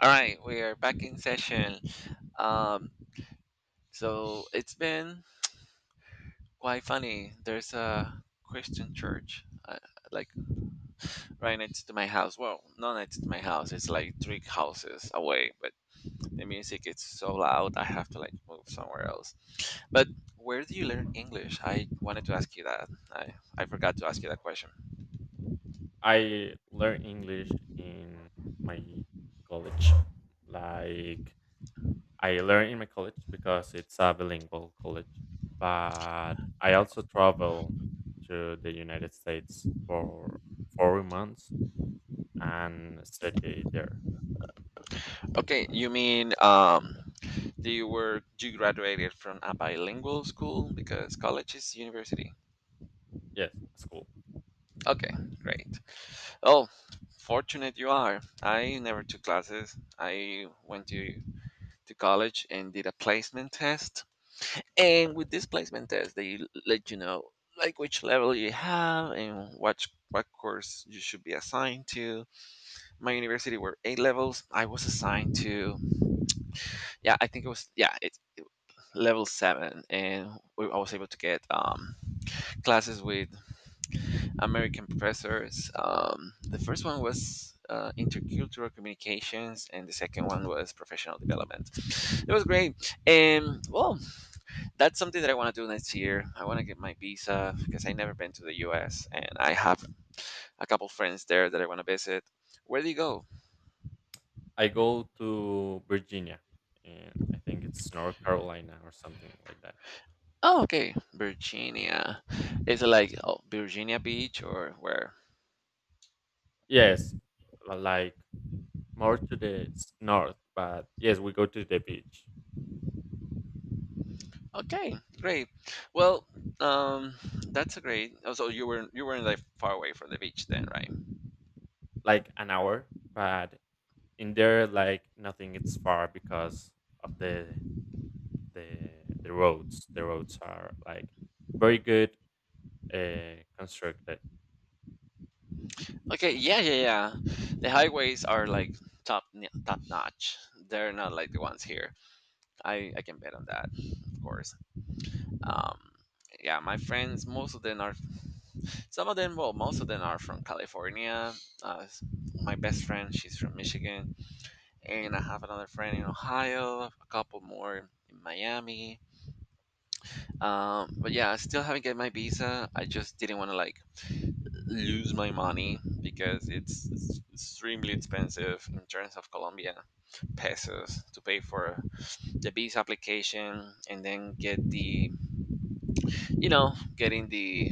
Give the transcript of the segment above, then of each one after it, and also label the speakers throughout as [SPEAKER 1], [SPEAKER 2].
[SPEAKER 1] All right, we are back in session. Um, so it's been quite funny. There's a Christian church, like right next to my house. Well, not next to my house. It's like three houses away. But the music is so loud, I have to like move somewhere else. But where do you learn English? I wanted to ask you that. I forgot to ask you that question.
[SPEAKER 2] I learned English in my college. Like I learned in my college because it's a bilingual college. But I also travel to the United States for 4 months and study there.
[SPEAKER 1] Okay, you mean do you were you graduated from a bilingual school because college is university.
[SPEAKER 2] Yes, that's cool.
[SPEAKER 1] Okay, great. Oh, fortunate you are. I never took classes. I went to college and did a placement test. And with this placement test, they let you know like which level you have and what course you should be assigned to. My university were 8 levels. I was assigned to yeah, I think it was yeah, it was level 7, and I was able to get classes with American professors. The first one was intercultural communications, and the second one was professional development. It was great, and well, that's something that I want to do next year. I want to get my visa because I never been to the U.S. and I have a couple friends there that I want to visit. Where do you go?
[SPEAKER 2] I go to Virginia and I think it's North Carolina or something like that.
[SPEAKER 1] Oh, okay, Virginia. Is it like oh, Virginia Beach or where?
[SPEAKER 2] Yes, like more to the north, but yes, we go to the beach
[SPEAKER 1] Okay, great. Well, um, that's a great. Also, you weren't like far away from the beach then, right?
[SPEAKER 2] like an hour, but in there like nothing. It's far because of the roads. The roads are like very good, constructed.
[SPEAKER 1] Okay, yeah, yeah, yeah. The highways are like top notch. They're not like the ones here. I can bet on that, of course. Um, yeah, my friends, most of them are from California. Uh, s- my best friend, she's from Michigan, and I have another friend in Ohio, a couple more in Miami. But yeah, I still haven't get my visa. I just didn't want to like lose my money because it's extremely expensive in terms of Colombia pesos to pay for the visa application and then get the you know getting the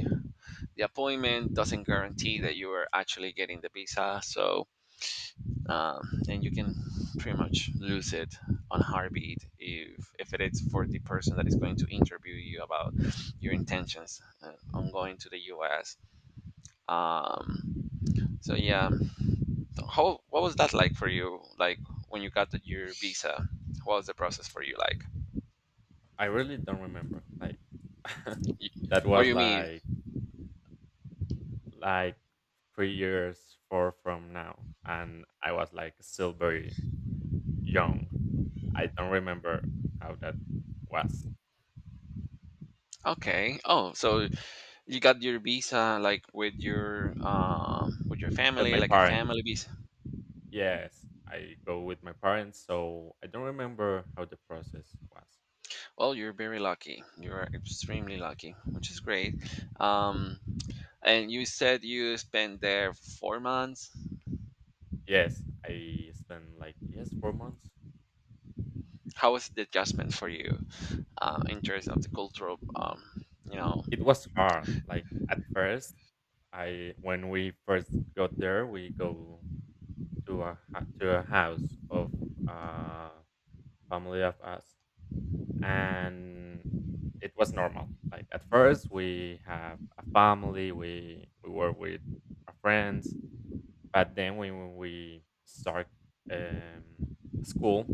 [SPEAKER 1] appointment doesn't guarantee that you are actually getting the visa, so um, and you can pretty much lose it on heartbeat if it is for the person that is going to interview you about your intentions on going to the US um, so yeah. How, what was that like for you? Like when you got your visa, what was the process for you like?
[SPEAKER 2] I really don't remember. Like
[SPEAKER 1] You,
[SPEAKER 2] that
[SPEAKER 1] what do
[SPEAKER 2] was
[SPEAKER 1] you mean?
[SPEAKER 2] like 3 years four from now, and I was like still very young. I don't remember how that was
[SPEAKER 1] Okay. Oh, so you got your visa like with your
[SPEAKER 2] with
[SPEAKER 1] family,
[SPEAKER 2] my
[SPEAKER 1] like a
[SPEAKER 2] parents.
[SPEAKER 1] family visa.
[SPEAKER 2] Yes, I go with my parents, so I don't remember how the process was.
[SPEAKER 1] Well, you're very lucky. You're extremely lucky, which is great. Um, and you said you spent there 4 months.
[SPEAKER 2] Yes, I spent like yes, 4 months.
[SPEAKER 1] How was the adjustment for you in terms of the cultural? You know,
[SPEAKER 2] It was hard. Like at first, I when we first got there, we go to to a house of uh family of us, and it was normal. Like at first, we have a family. We were with our friends, but then when we start um school.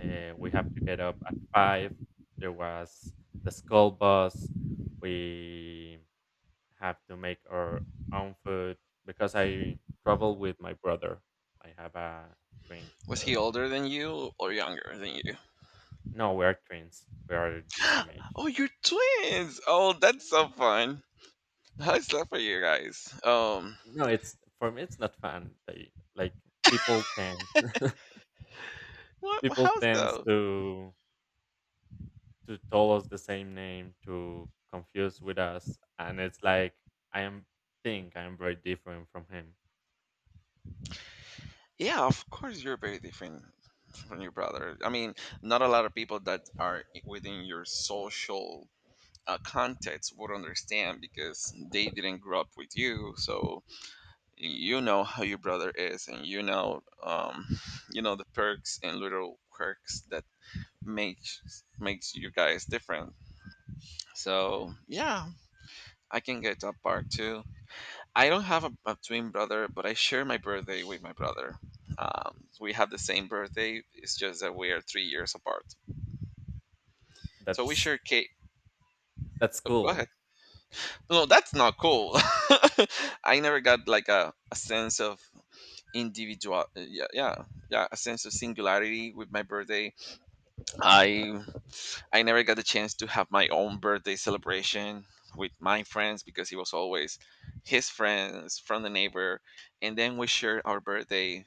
[SPEAKER 2] We have to get up at 5. There was the school bus. We have to make our own food because I travel with my brother. I have a twin.
[SPEAKER 1] was he older than you or younger than you?
[SPEAKER 2] No, we are twins. We are the same age.
[SPEAKER 1] Oh, you're twins. Oh, that's so fun. How's that for you guys?
[SPEAKER 2] No, it's for me. It's not fun. They, like people tend
[SPEAKER 1] What?
[SPEAKER 2] people
[SPEAKER 1] How's
[SPEAKER 2] tends
[SPEAKER 1] the?
[SPEAKER 2] to tell us the same name to confuse with us, and it's like I am think I am very different from him.
[SPEAKER 1] Yeah, of course you're very different from your brother. I mean, not a lot of people that are within your social context would understand because they didn't grow up with you. So you know how your brother is, and you know the perks and little quirks that makes you guys different. So yeah, I can get that part too. I don't have a twin brother, but I share my birthday with my brother. We have the same birthday. It's just that we are 3 years apart. So we
[SPEAKER 2] That's
[SPEAKER 1] share cake.
[SPEAKER 2] That's
[SPEAKER 1] Oh, go
[SPEAKER 2] cool.
[SPEAKER 1] ahead. No, that's not cool. I never got like a sense of individual. Yeah, yeah, yeah. A sense of singularity with my birthday. I I never got the chance to have my own birthday celebration with my friends because it was always his friends from the neighbor. And then we shared our birthday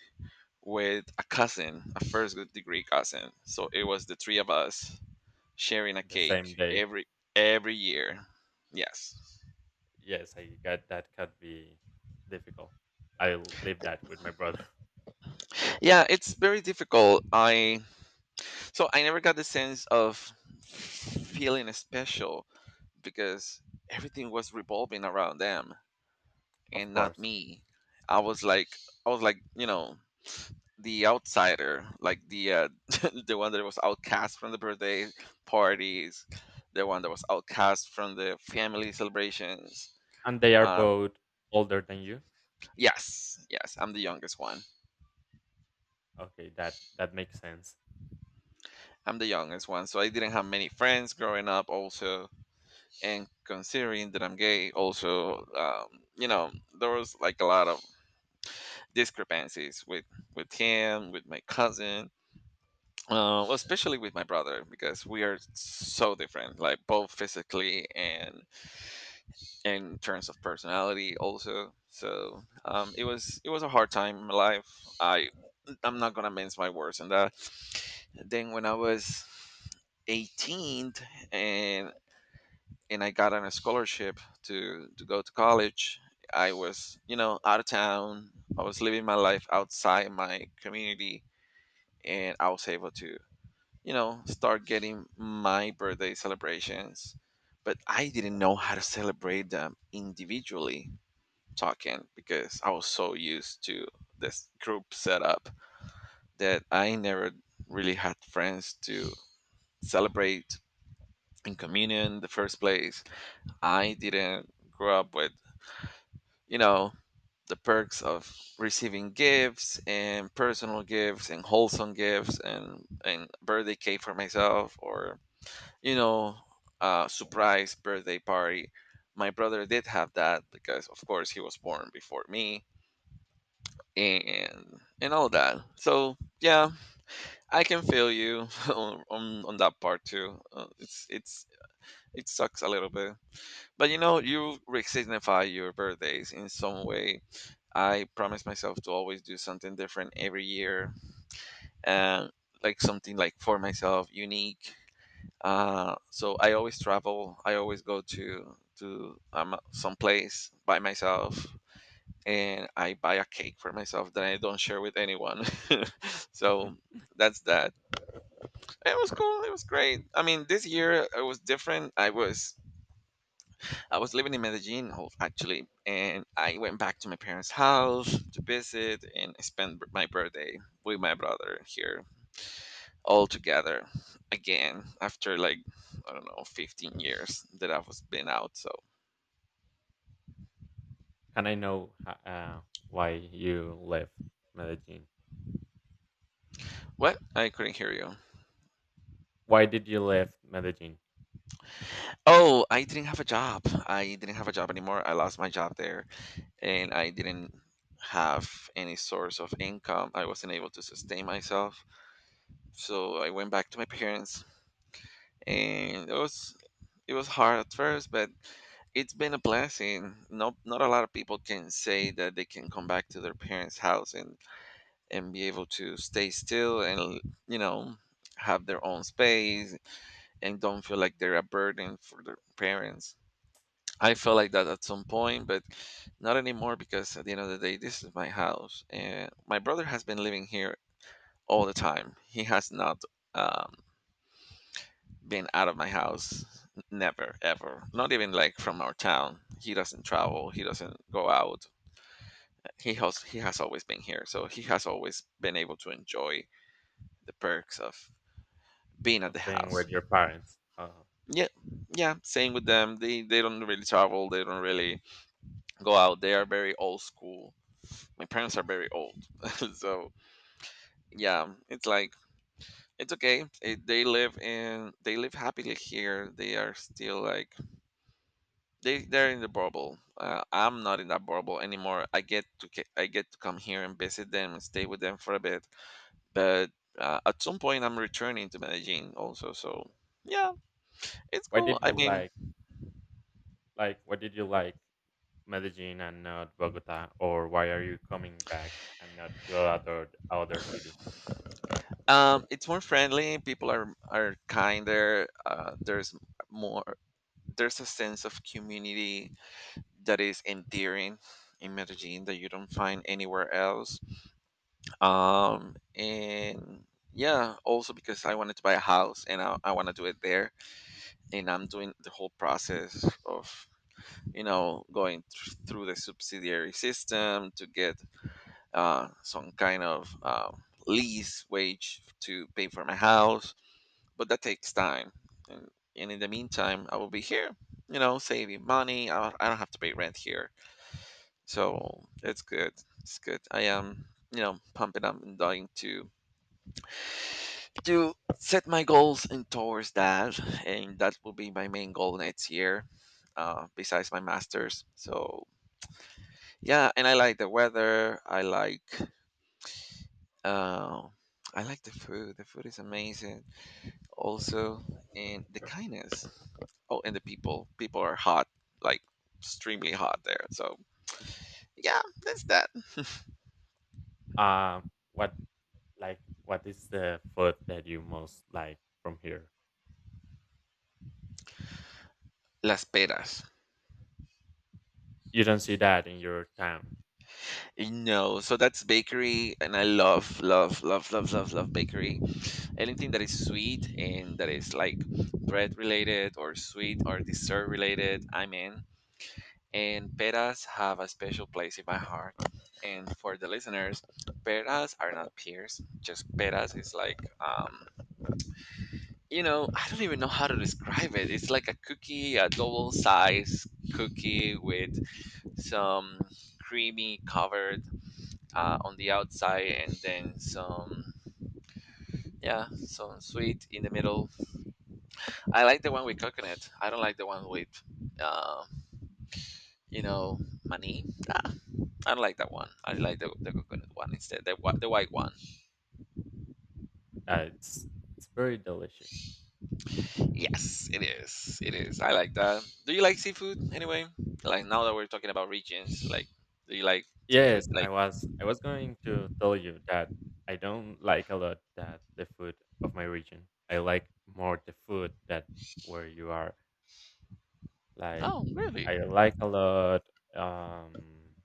[SPEAKER 1] with a cousin, a first degree cousin. So it was the three of us sharing a
[SPEAKER 2] The same
[SPEAKER 1] cake
[SPEAKER 2] day.
[SPEAKER 1] every year. Yes.
[SPEAKER 2] Yes, I get that could be difficult. I'll leave that with my brother,
[SPEAKER 1] Yeah, it's very difficult. I, so I never got the sense of feeling special because everything was revolving around them,
[SPEAKER 2] of
[SPEAKER 1] and not
[SPEAKER 2] course.
[SPEAKER 1] me. I was like I was like, you know, the outsider, like the the one that was outcast from the birthday parties, the one that was outcast from the family celebrations.
[SPEAKER 2] And they are
[SPEAKER 1] Um,
[SPEAKER 2] both older than you?
[SPEAKER 1] yes, yes, I'm the youngest one.
[SPEAKER 2] Okay, that makes sense.
[SPEAKER 1] I'm the youngest one, so I didn't have many friends growing up. Also, and considering that I'm gay, also, you know, there was like a lot of discrepancies with him, with my cousin. Well, especially with my brother because we are so different, like both physically and in terms of personality, also. So it was a hard time in my life. I I'm not gonna mince my words on that. Then when I was 18 and I got on a scholarship to go to college, I was, you know, out of town. I was living my life outside my community, and I was able to, you know, start getting my birthday celebrations. But I didn't know how to celebrate them individually talking because I was so used to this group setup that I never really had friends to celebrate in communion in the first place. I didn't grow up with, you know, the perks of receiving gifts and personal gifts and wholesome gifts and birthday cake for myself or you know, surprise birthday party. My brother did have that because, of course, he was born before me and all that. So yeah, I can feel you on, on that part too. It's it sucks a little bit, but you know, you re-signify your birthdays in some way. I promise myself to always do something different every year, and like something like for myself, unique. So I always travel. I always go to some place by myself, and I buy a cake for myself that I don't share with anyone. So that's that. It was cool. It was great. I mean, this year it was different. I was living in actually, and I went back to my parents' house to visit and spend my birthday with my brother here altogether again after like I don't know 15 years that I was been out. So
[SPEAKER 2] Can I know why you left Medellin?
[SPEAKER 1] what? I couldn't hear you.
[SPEAKER 2] Why did you leave Medellin
[SPEAKER 1] Oh, I didn't have a job. I didn't have a job anymore. I lost my job there, and I didn't have any source of income. I wasn't able to sustain myself, so I went back to my parents, and it was hard at first, but it's been a blessing. No, not a lot of people can say that they can come back to their parents' house and be able to stay still and you know have their own space and don't feel like they're a burden for their parents. I felt like that at some point, but not anymore, because at the end of the day this is my house and my brother has been living here all the time. He has not, um, been out of my house, never ever, not even like from our town. He doesn't travel, he doesn't go out. He has always been here, so he has always been able to enjoy the perks of being at
[SPEAKER 2] of
[SPEAKER 1] the
[SPEAKER 2] being
[SPEAKER 1] house.
[SPEAKER 2] with your parents?
[SPEAKER 1] Yeah, yeah, same with them. They don't really travel. They don't really go out. They are very old school. My parents are very old, so yeah, it's like it's okay. It, they live in they live happily here. They are still like they're in the bubble. I'm not in that bubble anymore. I get to I get to come here and visit them and stay with them for a bit. But at some point, I'm returning to Medellin also. So yeah, it's
[SPEAKER 2] Why
[SPEAKER 1] cool.
[SPEAKER 2] did
[SPEAKER 1] I
[SPEAKER 2] you
[SPEAKER 1] mean,
[SPEAKER 2] Like why did you like Medellin and not Bogota, or why are you coming back and not to other city?
[SPEAKER 1] um, it's more friendly. People are kinder. There's more. There's a sense of community that is endearing in Medellin that you don't find anywhere else. And yeah, also because I wanted to buy a house and I want to do it there, and I'm doing the whole process of you know going through the subsidiary system to get some kind of lease wage to pay for my house, but that takes time. And, and in the meantime, I will be here, you know, saving money. I don't have to pay rent here. So it's good. It's good. I am, you know, pumping up and dying to set my goals and towards that. And that will be my main goal next year, besides my master's. So yeah, and I like the weather. Uh, I like the food. The food is amazing. Also, and the kindness. Oh, and the people are hot, like extremely hot there. So yeah, that's that.
[SPEAKER 2] Uh, what Like, what is the food that you most like from here?
[SPEAKER 1] Las Peras.
[SPEAKER 2] You don't see that in your town.
[SPEAKER 1] No, so that's bakery, and I love, love, love, love, love, love bakery. Anything that is sweet and that is like bread related or sweet or dessert related, I'm in. And peras have a special place in my heart. And for the listeners, peras are not pears. Just peras is like I don't even know how to describe it. It's like a cookie, a double size cookie with some creamy covered on the outside and then some, yeah, some sweet in the middle. I like the one with coconut. I don't like the one with, uh, you know, money. Ah, I don't like that one. I like the coconut one instead, the, the white one.
[SPEAKER 2] Uh, it's it's very delicious.
[SPEAKER 1] Yes, it is. It is. I like that. Do you like seafood anyway? Like now that we're talking about regions, like do you like seafood?
[SPEAKER 2] Yes, I
[SPEAKER 1] Like
[SPEAKER 2] was I was going to tell you that I don't like a lot that the food of my region. I like more the food that where you are. Like,
[SPEAKER 1] oh really?
[SPEAKER 2] I like a lot. Um,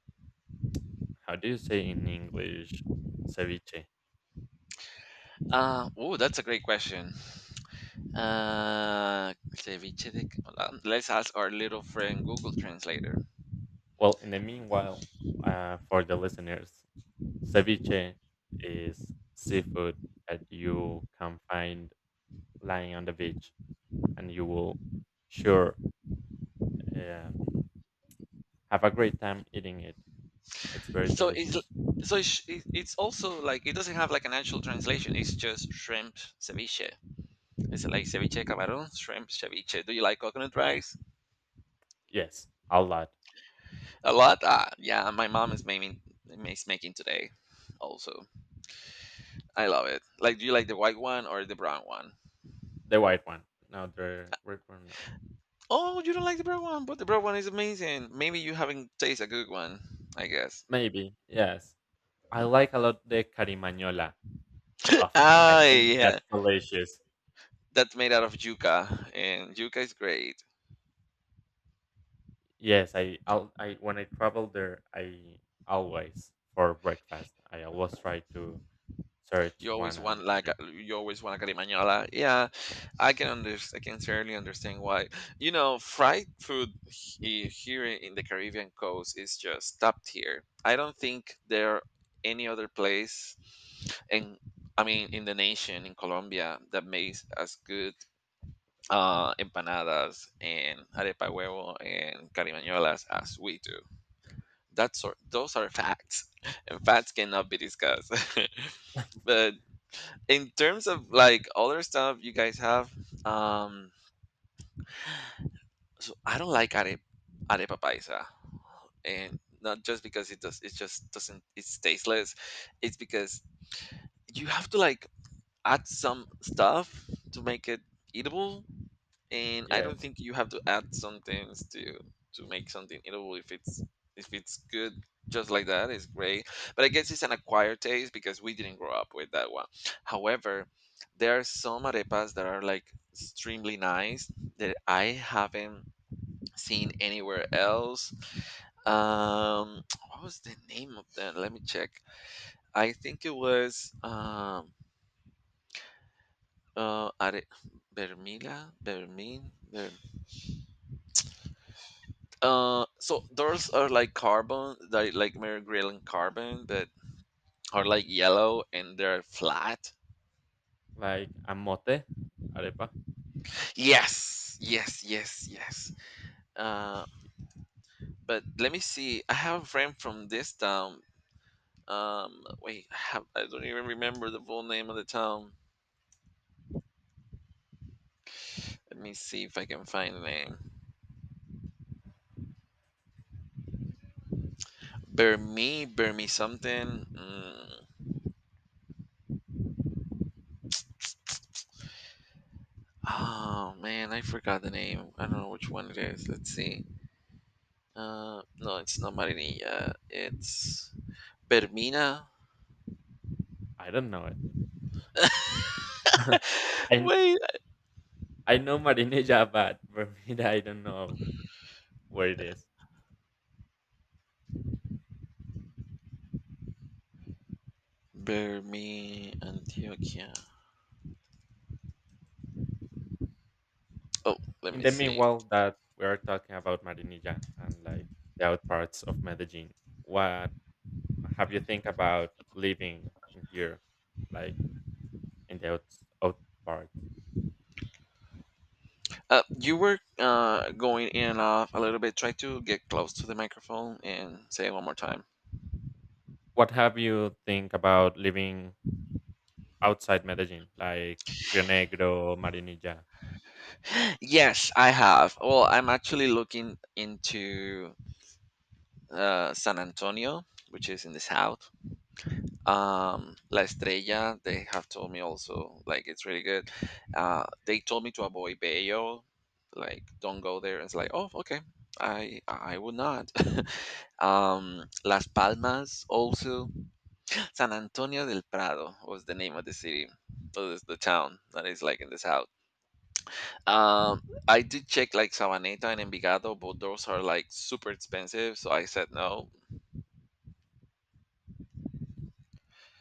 [SPEAKER 2] how do you say in English? Ceviche.
[SPEAKER 1] Oh, that's a great question. Ceviche let's ask our little friend Google Translator.
[SPEAKER 2] Well, in the meanwhile, for the listeners, ceviche is seafood that you can find lying on the beach, and you will sure, um, have a great time eating it. It's very
[SPEAKER 1] So it's l-
[SPEAKER 2] delicious.
[SPEAKER 1] so it's also like it doesn't have like an actual translation. It's just shrimp ceviche. It's like ceviche de camarón, shrimp ceviche. Do you like coconut rice?
[SPEAKER 2] Yes, a lot.
[SPEAKER 1] A lot? Ah, yeah, my mom is making today also. I love it. Like do you like the white one or the brown one?
[SPEAKER 2] The white one. No, the red one. No.
[SPEAKER 1] Oh, you don't like the brown one, but the brown one is amazing. Maybe you haven't tasted a good one, I guess.
[SPEAKER 2] Maybe. Yes. I like a lot the carimañola. Of I
[SPEAKER 1] ah,
[SPEAKER 2] think
[SPEAKER 1] yeah.
[SPEAKER 2] that's delicious.
[SPEAKER 1] That's made out of yuca and yuca is great.
[SPEAKER 2] Yes, I I'll, I when I travel there, I always for breakfast. I always try to search
[SPEAKER 1] You always
[SPEAKER 2] one
[SPEAKER 1] want
[SPEAKER 2] and eat
[SPEAKER 1] like
[SPEAKER 2] it.
[SPEAKER 1] you always want a carimañola. Yeah, I can certainly understand why. You know, fried food here in the Caribbean coast is just top tier. I don't think there any other place, and I mean in the nation in Colombia that makes as good empanadas and arepa huevo and carimañolas as we do. That's sort those are facts, and facts cannot be discussed. But in terms of like other stuff you guys have, um so I don't like arepa paisa, and not just because it just doesn't it's tasteless. It's because you have to like add some stuff to make it eatable, and I don't
[SPEAKER 2] Yes,
[SPEAKER 1] think you have to add some things to make something eatable if it's good just like that it's great, but I guess it's an acquired taste because we didn't grow up with that one. However, there are some arepas that are like extremely nice that I haven't seen anywhere else. Um, what was the name of that? Let me check. I think it was uh, Are- Vermila, so those are like carbon, like Mary Grylling carbon, that are like yellow and they're flat.
[SPEAKER 2] like amote, arepa?
[SPEAKER 1] Yes, yes, yes, yes. Uh, but let me see. I have a friend from this town. Wait, I have I don't even remember the full name of the town. Let me see if I can find the name. Burme something. Mm. Oh man, I forgot the name. I don't know which one it is. Let's see. No, it's not Marinilla. It's Bermina.
[SPEAKER 2] I don't know it. I
[SPEAKER 1] Wait,
[SPEAKER 2] I know marinilla, but bermuda, I don't know where it is.
[SPEAKER 1] Burme, Antioquia. Oh, let
[SPEAKER 2] In
[SPEAKER 1] me
[SPEAKER 2] the
[SPEAKER 1] see.
[SPEAKER 2] meanwhile that we are talking about marinilla and like the out parts of Medellin, what have you think about living in here, like in the out parts?
[SPEAKER 1] You were going in and off a little bit. Try to get close to the microphone and say it one more time.
[SPEAKER 2] What have you think about living outside Medellin, like Rio Negro, Marinilla?
[SPEAKER 1] Yes, I have. Well, I'm actually looking into San Antonio, which is in the south. La Estrella, they have told me also, like, it's really good. They told me to avoid Bayo, like, don't go there. It's like, oh, okay. I would not. Las Palmas also. San Antonio del Prado was the name of the city, or the town that is like in the south. I did check like Sabaneta and Envigado, but those are like super expensive, so I said no.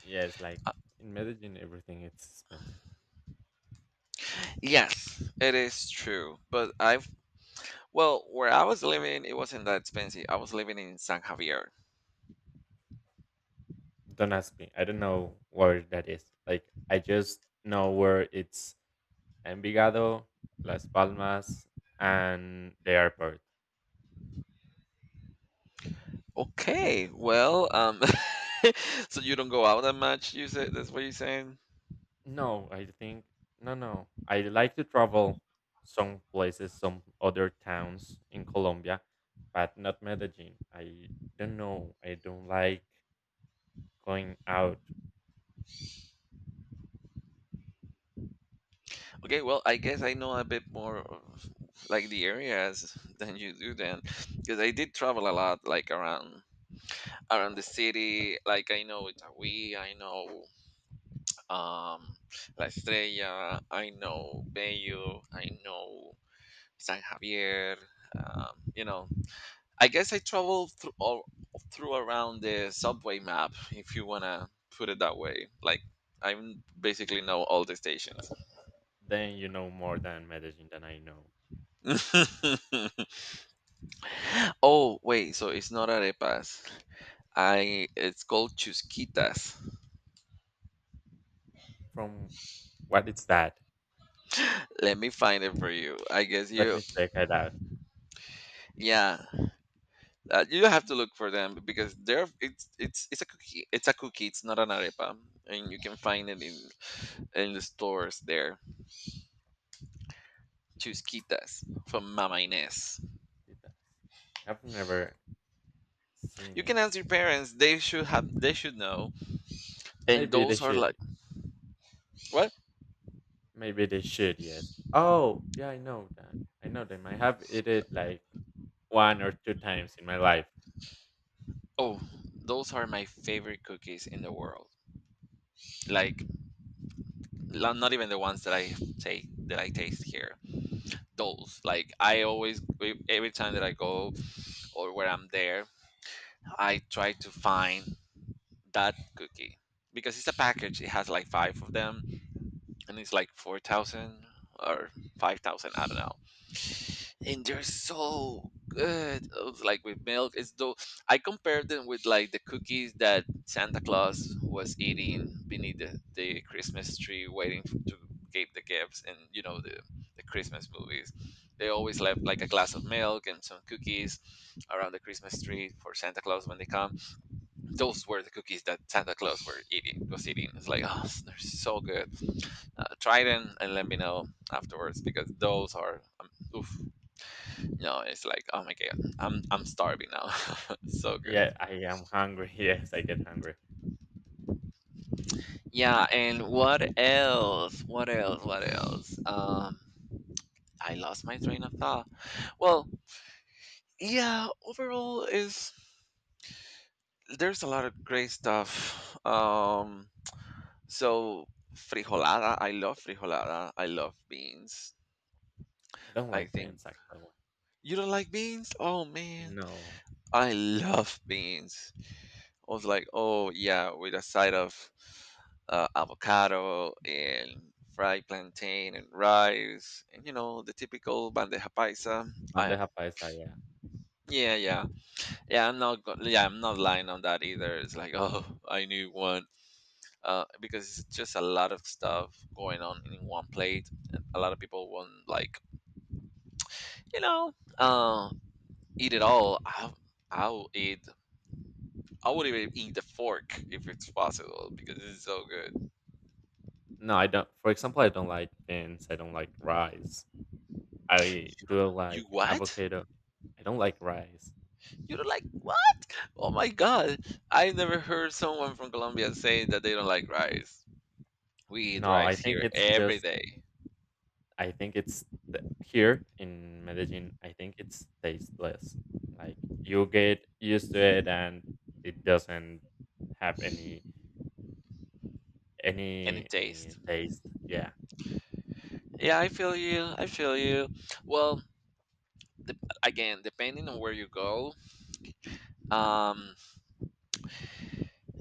[SPEAKER 2] Yes, like in Medellin, everything is expensive.
[SPEAKER 1] Yes, it is true. But I've, well, where I was living, it wasn't that expensive. I was living in San Javier.
[SPEAKER 2] Don't ask me. I don't know where that is. Like I just know where it's Envigado, Las Palmas, and the airport.
[SPEAKER 1] Okay, well, so you don't go out that much, you said, that's what you're saying?
[SPEAKER 2] No, I think no, no. I like to travel some places, some other towns in Colombia, but not Medellin. I don't know. I don't like going out.
[SPEAKER 1] Okay, well, I guess I know a bit more of like the areas than you do then, because I did travel a lot, like around the city. Like I know Itagüí, I know um La Estrella, I know Bello, I know San Javier. You know, I guess I travel through all through around the subway map, if you wanna put it that way. Like I basically know all the stations.
[SPEAKER 2] Then you know more than Medellin than I know.
[SPEAKER 1] oh wait, so it's not arepas. I it's called chusquitas.
[SPEAKER 2] From what is that?
[SPEAKER 1] Let me find it for you.
[SPEAKER 2] Let me check it out.
[SPEAKER 1] Yeah. You have to look for them because they're it's a cookie. It's a cookie. It's not an arepa, and you can find it in the stores there. Chusquitas from Mama Inés.
[SPEAKER 2] I have never
[SPEAKER 1] You
[SPEAKER 2] seen it.
[SPEAKER 1] can ask your parents; they should know. And
[SPEAKER 2] Maybe they
[SPEAKER 1] those are
[SPEAKER 2] should.
[SPEAKER 1] like what?
[SPEAKER 2] Maybe they should. Yes. Oh, yeah. I know that. I know them. I have eat it like one or two times in my life.
[SPEAKER 1] Oh, those are my favorite cookies in the world. Like not even the ones that I take that I taste here. Those like I always every time that I go or where I'm there, I try to find that cookie because it's a package. It has like five of them, and it's like 4,000 or 5,000. I don't know, and they're so good. Oh, it's like with milk. It's though I compared them with like the cookies that Santa Claus was eating beneath the Christmas tree, waiting f to get the gifts. And you know the Christmas movies, they always left like a glass of milk and some cookies around the Christmas tree for Santa Claus when they come. Those were the cookies that santa claus were eating was eating. It's like oh, they're so good. Uh, try them and let me know afterwards because those are oof, no, it's like, oh my god, I'm starving now. so good.
[SPEAKER 2] Yeah, I am hungry. Yes, I get hungry.
[SPEAKER 1] Yeah, and what else? What else? What else? I lost my train of thought. Well, yeah, overall is there's a lot of great stuff. So frijolada. I love beans.
[SPEAKER 2] I don't
[SPEAKER 1] I
[SPEAKER 2] like
[SPEAKER 1] think
[SPEAKER 2] beans actually.
[SPEAKER 1] you don't like beans? Oh man,
[SPEAKER 2] No,
[SPEAKER 1] I love beans. I was like, oh yeah, with a side of avocado and fried plantain and rice and you know the typical bandeja paisa. I
[SPEAKER 2] bandeja paisa. Yeah.
[SPEAKER 1] yeah yeah yeah I'm not go- yeah, I'm not lying on that either. It's like oh I knew one because it's just a lot of stuff going on in one plate. And a lot of people want like you know uh, eat it all. I'll eat. I would even eat the fork if it's possible because it's so good.
[SPEAKER 2] No, I don't. For example, I don't like beans. I don't like rice. I do
[SPEAKER 1] You
[SPEAKER 2] like
[SPEAKER 1] what?
[SPEAKER 2] avocado. I don't like rice.
[SPEAKER 1] You don't like what? Oh my god. I never heard someone from Colombia saying that they don't like rice. We eat
[SPEAKER 2] No, I
[SPEAKER 1] rice
[SPEAKER 2] think
[SPEAKER 1] here
[SPEAKER 2] it's
[SPEAKER 1] every
[SPEAKER 2] just
[SPEAKER 1] day,
[SPEAKER 2] I think it's the, here in Medellin. I think it's tasteless. Like you get used to it, and it doesn't have any
[SPEAKER 1] and
[SPEAKER 2] any
[SPEAKER 1] it
[SPEAKER 2] any
[SPEAKER 1] tastes.
[SPEAKER 2] taste. Yeah,
[SPEAKER 1] Yeah, I feel you. I feel you. Well, again, depending on where you go, um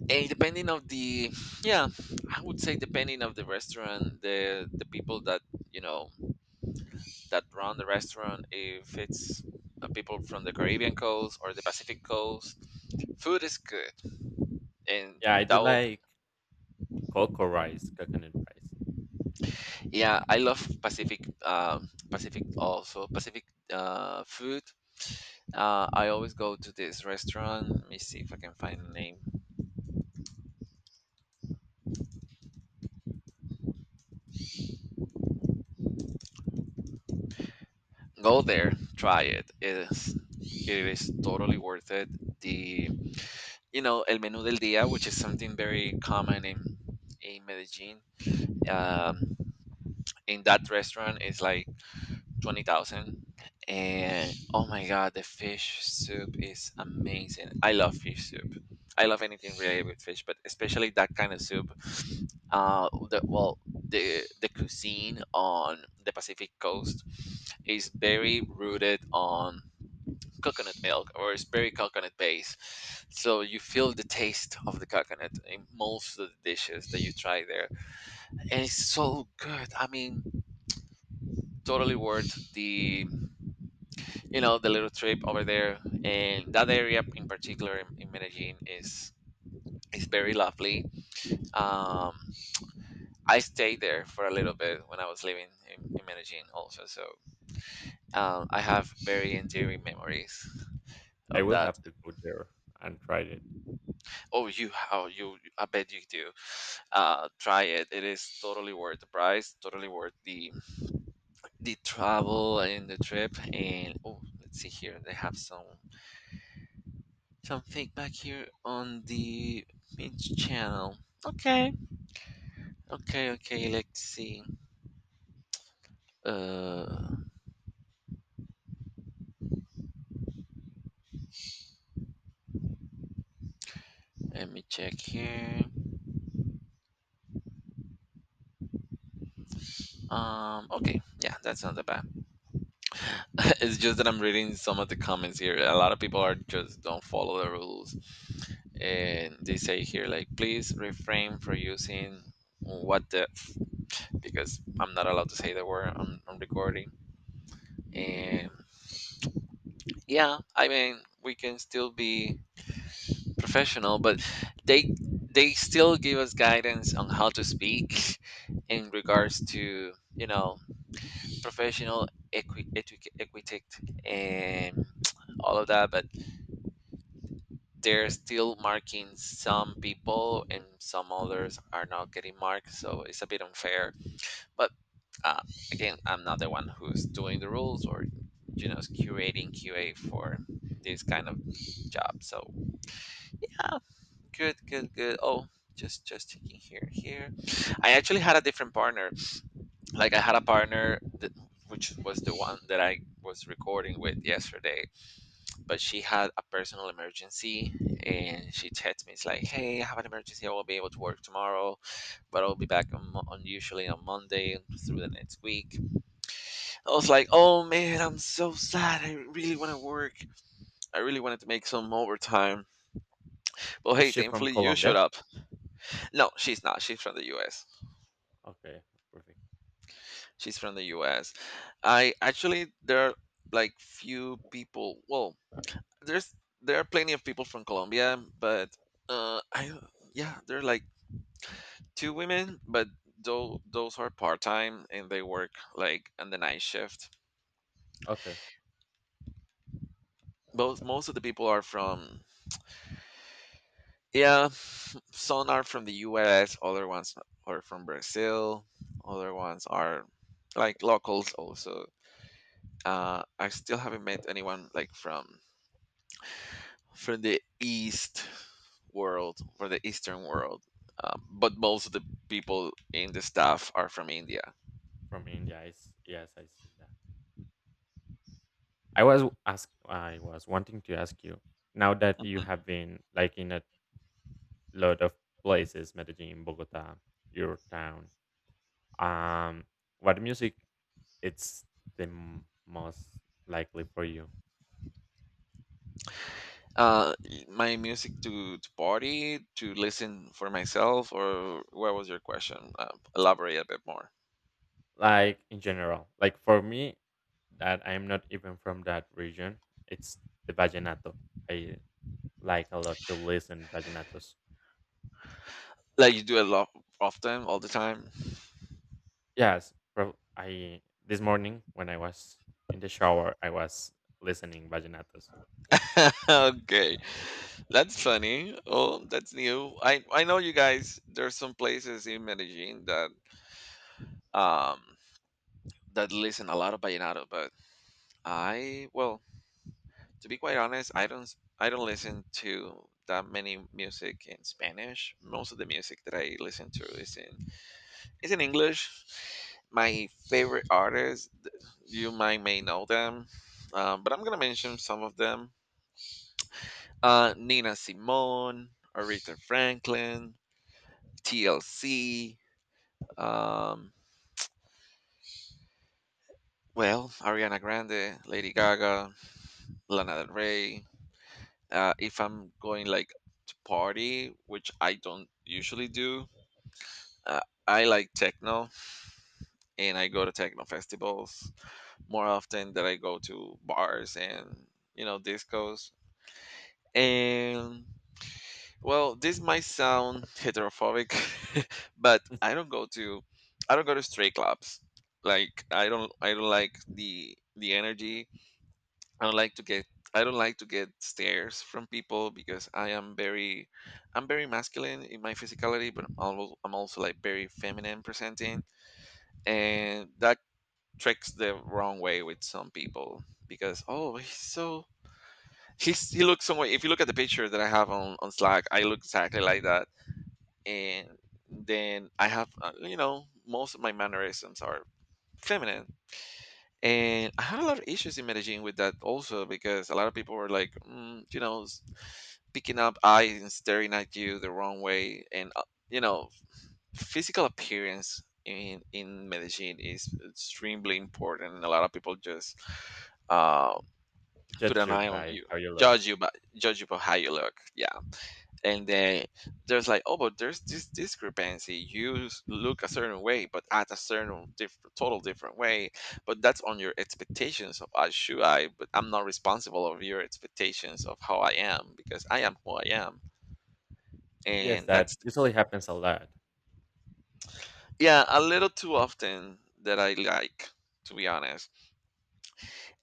[SPEAKER 1] and depending of the yeah, I would say depending of the restaurant, the people that, you know, that run the restaurant, if it's people from the Caribbean coast or the Pacific coast, food is good. And
[SPEAKER 2] yeah. I do
[SPEAKER 1] that will
[SPEAKER 2] like coco rice, coconut rice.
[SPEAKER 1] yeah, I love Pacific, pacific also Pacific food. Uh, I always go to this restaurant, let me see if I can find the name. Go there, try it, it is, it is totally worth it. The, you know, el menú del día, which is something very common in Medellin, um, in that restaurant is like 20,000. And oh my god, the fish soup is amazing. I love fish soup. I love anything related with fish, but especially that kind of soup. Well, the cuisine on the Pacific coast is very rooted on coconut milk, or it's very coconut based. So you feel the taste of the coconut in most of the dishes that you try there, and it's so good. I mean, totally worth the, you know, the little trip over there. And that area in particular in Medellin is very lovely. Um, I stayed there for a little bit when I was living in Medellin also. So I have very endearing memories
[SPEAKER 2] I
[SPEAKER 1] of
[SPEAKER 2] will
[SPEAKER 1] that.
[SPEAKER 2] have to go there and try it.
[SPEAKER 1] Oh you how you I bet you do. Uh, try it, it is totally worth the price, totally worth the travel and the trip. And oh, let's see here, they have some something back here on the main channel. Okay, okay, okay. Let's see. Uh, let me check here. Okay, yeah, that's not that bad. it's just that I'm reading some of the comments here. A lot of people are just don't follow the rules, and they say here like, please refrain from using what the because I'm not allowed to say the word on am recording. And yeah, I mean we can still be professional, but they they still give us guidance on how to speak in regards to you know professional etiquette and all of that. But they're still marking some people, and some others are not getting marked, so it's a bit unfair. But uh, again, I'm not the one who's doing the rules or you know curating QA for this kind of job. So yeah. Good, good, good. Oh, just checking here. I actually had a different partner. Like I had a partner that, which was the one that I was recording with yesterday, but she had a personal emergency and she texted me. It's like, hey, I have an emergency. I won't be able to work tomorrow, but I'll be back on, on usually on Monday through the next week. I was like, oh man, I'm so sad. I really want to work. I really wanted to make some overtime. Well,
[SPEAKER 2] Is
[SPEAKER 1] hey,
[SPEAKER 2] she from
[SPEAKER 1] thankfully you showed
[SPEAKER 2] Colombia?
[SPEAKER 1] up. No, she's not. She's from the U.S.
[SPEAKER 2] Okay, perfect.
[SPEAKER 1] She's from the US. I actually there are like few people. Well, there's there are plenty of people from Colombia, but I yeah, there are like two women, but though those are part time and they work like on the night shift.
[SPEAKER 2] Okay,
[SPEAKER 1] Both most of the people are from, yeah, some are from the U.S., other ones are from Brazil, other ones are like locals also. I still haven't met anyone like from the East world, from the Eastern world. But most of the people in the staff are from India.
[SPEAKER 2] from India. Is yes, I see that. I was ask. I was wanting to ask you now that you
[SPEAKER 1] Mhm.
[SPEAKER 2] have been like in a lot of places, Medellin, Bogota, your town. Um, what music it's the most likely for you?
[SPEAKER 1] Uh, my music to, party, to listen for myself, or what was your question? Elaborate a bit more.
[SPEAKER 2] Like in general, like for me, that I'm not even from that region. It's the vallenato. I like a lot to listen vallenatos.
[SPEAKER 1] Like you do a lot often, all the time.
[SPEAKER 2] Yes, I this morning when I was in the shower, I was listening vallenatos.
[SPEAKER 1] Okay, that's funny. Oh, that's new. I know you guys. There's some places in Medellin that um that listen a lot of vallenato, but I well, to be quite honest, I don't listen to that many music in Spanish. Most of the music that I listen to is in English. My favorite artists, you might may know them, but I'm gonna mention some of them: Nina Simone, Aretha Franklin, TLC. Um, Ariana Grande, Lady Gaga, Lana Del Rey. If I'm going like to party, which I don't usually do, uh, I like techno, and I go to techno festivals more often than I go to bars and you know discos. And well, this might sound heterophobic, but I don't go to straight clubs. Like I don't like the energy. I don't like to get I don't like to get stares from people because I'm very masculine in my physicality, but I'm also like very feminine presenting, and that tricks the wrong way with some people because oh he looks some way. If you look at the picture that I have on Slack, I look exactly like that. And then I have you know most of my mannerisms are feminine, and I had a lot of issues in Medellin with that also because a lot of people were like, you know, picking up eyes and staring at you the wrong way. And you know, physical appearance in Medellin is extremely important, and a lot of people just uh, put
[SPEAKER 2] Judge
[SPEAKER 1] an
[SPEAKER 2] you
[SPEAKER 1] eye on
[SPEAKER 2] by
[SPEAKER 1] you,
[SPEAKER 2] how you look.
[SPEAKER 1] judge you by judge you by how you look. Yeah, and then there's like, oh, but there's this discrepancy. Look a certain way, but at a certain total different way. But that's on your expectations of but I'm not responsible of your expectations of how I am because I am who I am.
[SPEAKER 2] Yes,
[SPEAKER 1] And
[SPEAKER 2] that
[SPEAKER 1] that's
[SPEAKER 2] usually happens a lot.
[SPEAKER 1] yeah, a little too often that I like, to be honest.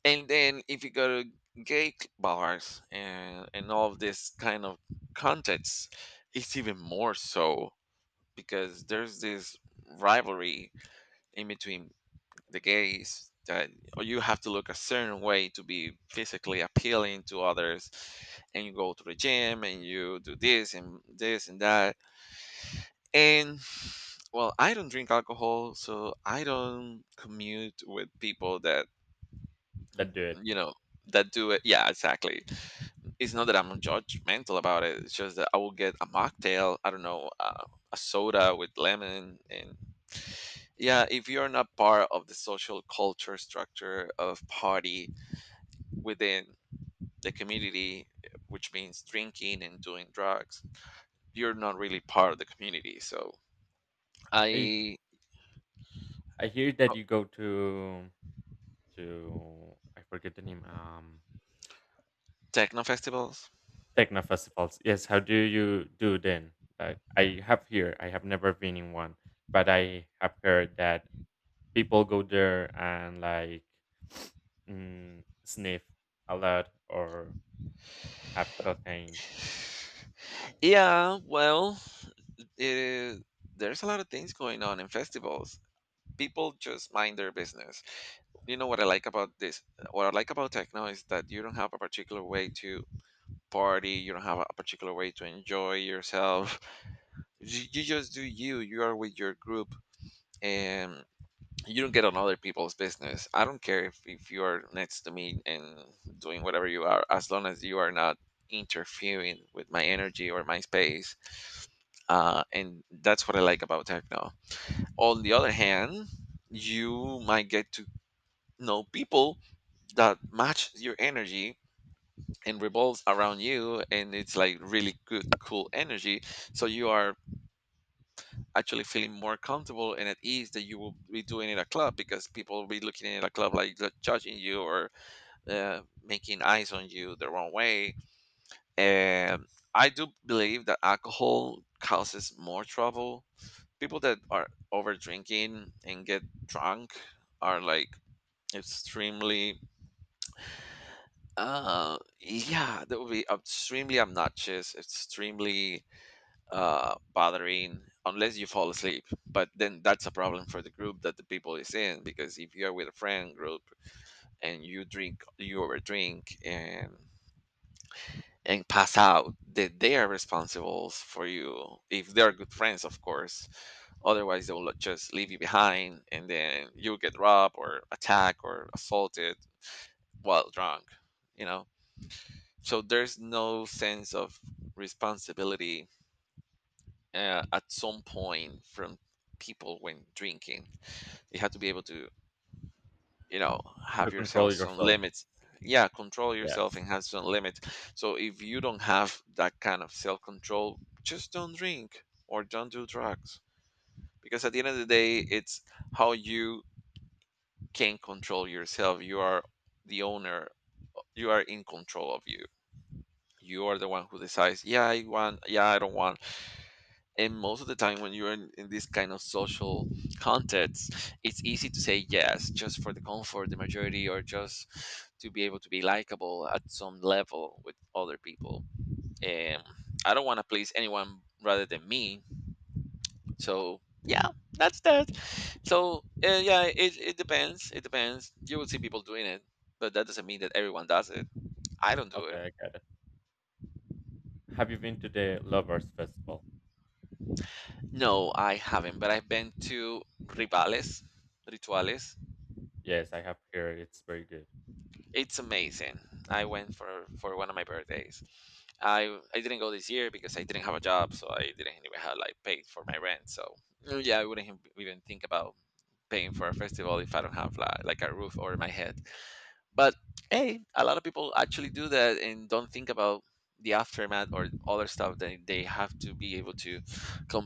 [SPEAKER 1] And then if you go to gay bars and all of this kind of contexts, it's even more so because there's this rivalry in between the gays that you have to look a certain way to be physically appealing to others, and you go to the gym and you do this and this and that. And well, I don't drink alcohol, so I don't commute with people that
[SPEAKER 2] That do it.
[SPEAKER 1] you know that do it, yeah, exactly. It's not that I'm judgmental about it, it's just that I will get a mocktail, I don't know, a soda with lemon. And yeah, if you're not part of the social culture structure of party within the community, which means drinking and doing drugs, you're not really part of the community. So
[SPEAKER 2] I.
[SPEAKER 1] I,
[SPEAKER 2] I hear that
[SPEAKER 1] oh,
[SPEAKER 2] you go to I forget the name.
[SPEAKER 1] techno festivals.
[SPEAKER 2] Techno festivals. Yes. How do you do then? Like I have here. I have never been in one, but I have heard that people go there and like sniff a lot or have cocaine
[SPEAKER 1] Yeah, well, it is, there's a lot of things going on in festivals. People just mind their business. you know what i like about this what I like about techno is that you don't have a particular way to party, you don't have a particular way to enjoy yourself. You just do you, you are with your group. And you don't get on other people's business. I don't care if you are next to me and doing whatever you are, as long as you are not interfering with my energy or my space. And that's what I like about techno. On the other hand, you might get to know people that match your energy and revolves around you, and it's like really good cool energy. So you are actually feeling more comfortable and at ease that you will be doing in a club because people will be looking in a club like judging you or making eyes on you the wrong way. And I do believe that alcohol causes more trouble. People that are over drinking and get drunk are like extremely yeah, that would be extremely obnoxious, extremely bothering. Unless you fall asleep, but then that's a problem for the group that the people is in, because if you're with a friend group and you overdrink and pass out, that they are responsible for you if they are good friends, of course. Otherwise they will just leave you behind and then you get robbed or attacked or assaulted while drunk, you know. So there's no sense of responsibility at some point from people when drinking. You have to be able to you know have
[SPEAKER 2] to control
[SPEAKER 1] yourself some
[SPEAKER 2] yourself.
[SPEAKER 1] limits. Yeah, control yourself
[SPEAKER 2] Yes.
[SPEAKER 1] and have some limits. So if you don't have that kind of self control, just don't drink or don't do drugs. Because at the end of the day, it's how you can control yourself. You are the owner, you are in control of you, you are the one who decides, yeah I want, yeah I don't want. And most of the time when you're in this kind of social contexts, it's easy to say yes just for the comfort the majority, or just to be able to be likable at some level with other people. And I don't want to please anyone rather than me. So yeah, that's that. So yeah, it depends, it depends. You will see people doing it, but that doesn't mean that everyone does it. I don't do it.
[SPEAKER 2] Okay, I got it. Have you been to the Lovers Festival?
[SPEAKER 1] No, I haven't, but I've been to rivales rituales.
[SPEAKER 2] Yes, I have heard it's very good.
[SPEAKER 1] It's amazing. I went for one of my birthdays. I didn't go this year because I didn't have a job, so I didn't even have like paid for my rent. So mm, yeah, I wouldn't have even think about paying for a festival if I don't have like a roof over my head. But hey, a lot of people actually do that and don't think about the aftermath or other stuff that they have to be able to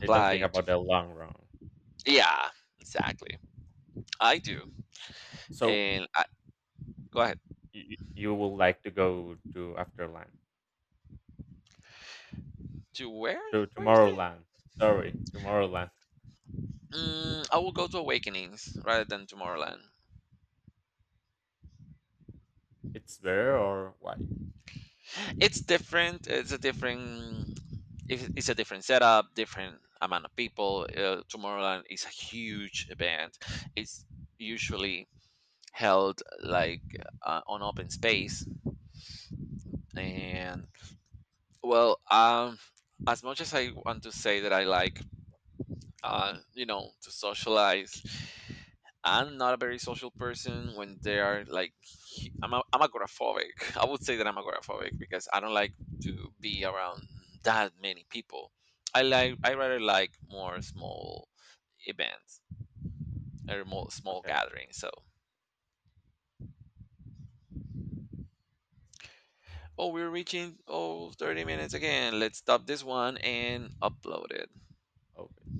[SPEAKER 2] They don't think
[SPEAKER 1] to.
[SPEAKER 2] about the long run.
[SPEAKER 1] Yeah, exactly. I do.
[SPEAKER 2] So
[SPEAKER 1] And I, go ahead.
[SPEAKER 2] you would like to go to Afterland,
[SPEAKER 1] To where?
[SPEAKER 2] to
[SPEAKER 1] Where you say?
[SPEAKER 2] Tomorrowland. Sorry, Tomorrowland.
[SPEAKER 1] Mm, I will go to Awakenings rather than Tomorrowland.
[SPEAKER 2] It's there or why?
[SPEAKER 1] It's different. It's a different setup, different amount of people. Tomorrowland is a huge event. It's usually held like on open space, and well, as much as I want to say that you know, to socialize, I'm not a very social person. When they are like I'm agoraphobic. I would say that I'm agoraphobic because I don't like to be around that many people. I rather like more small events or more small
[SPEAKER 2] Okay,
[SPEAKER 1] gatherings. So oh we're reaching oh 30 minutes again. Let's stop this one and upload it.
[SPEAKER 2] okay.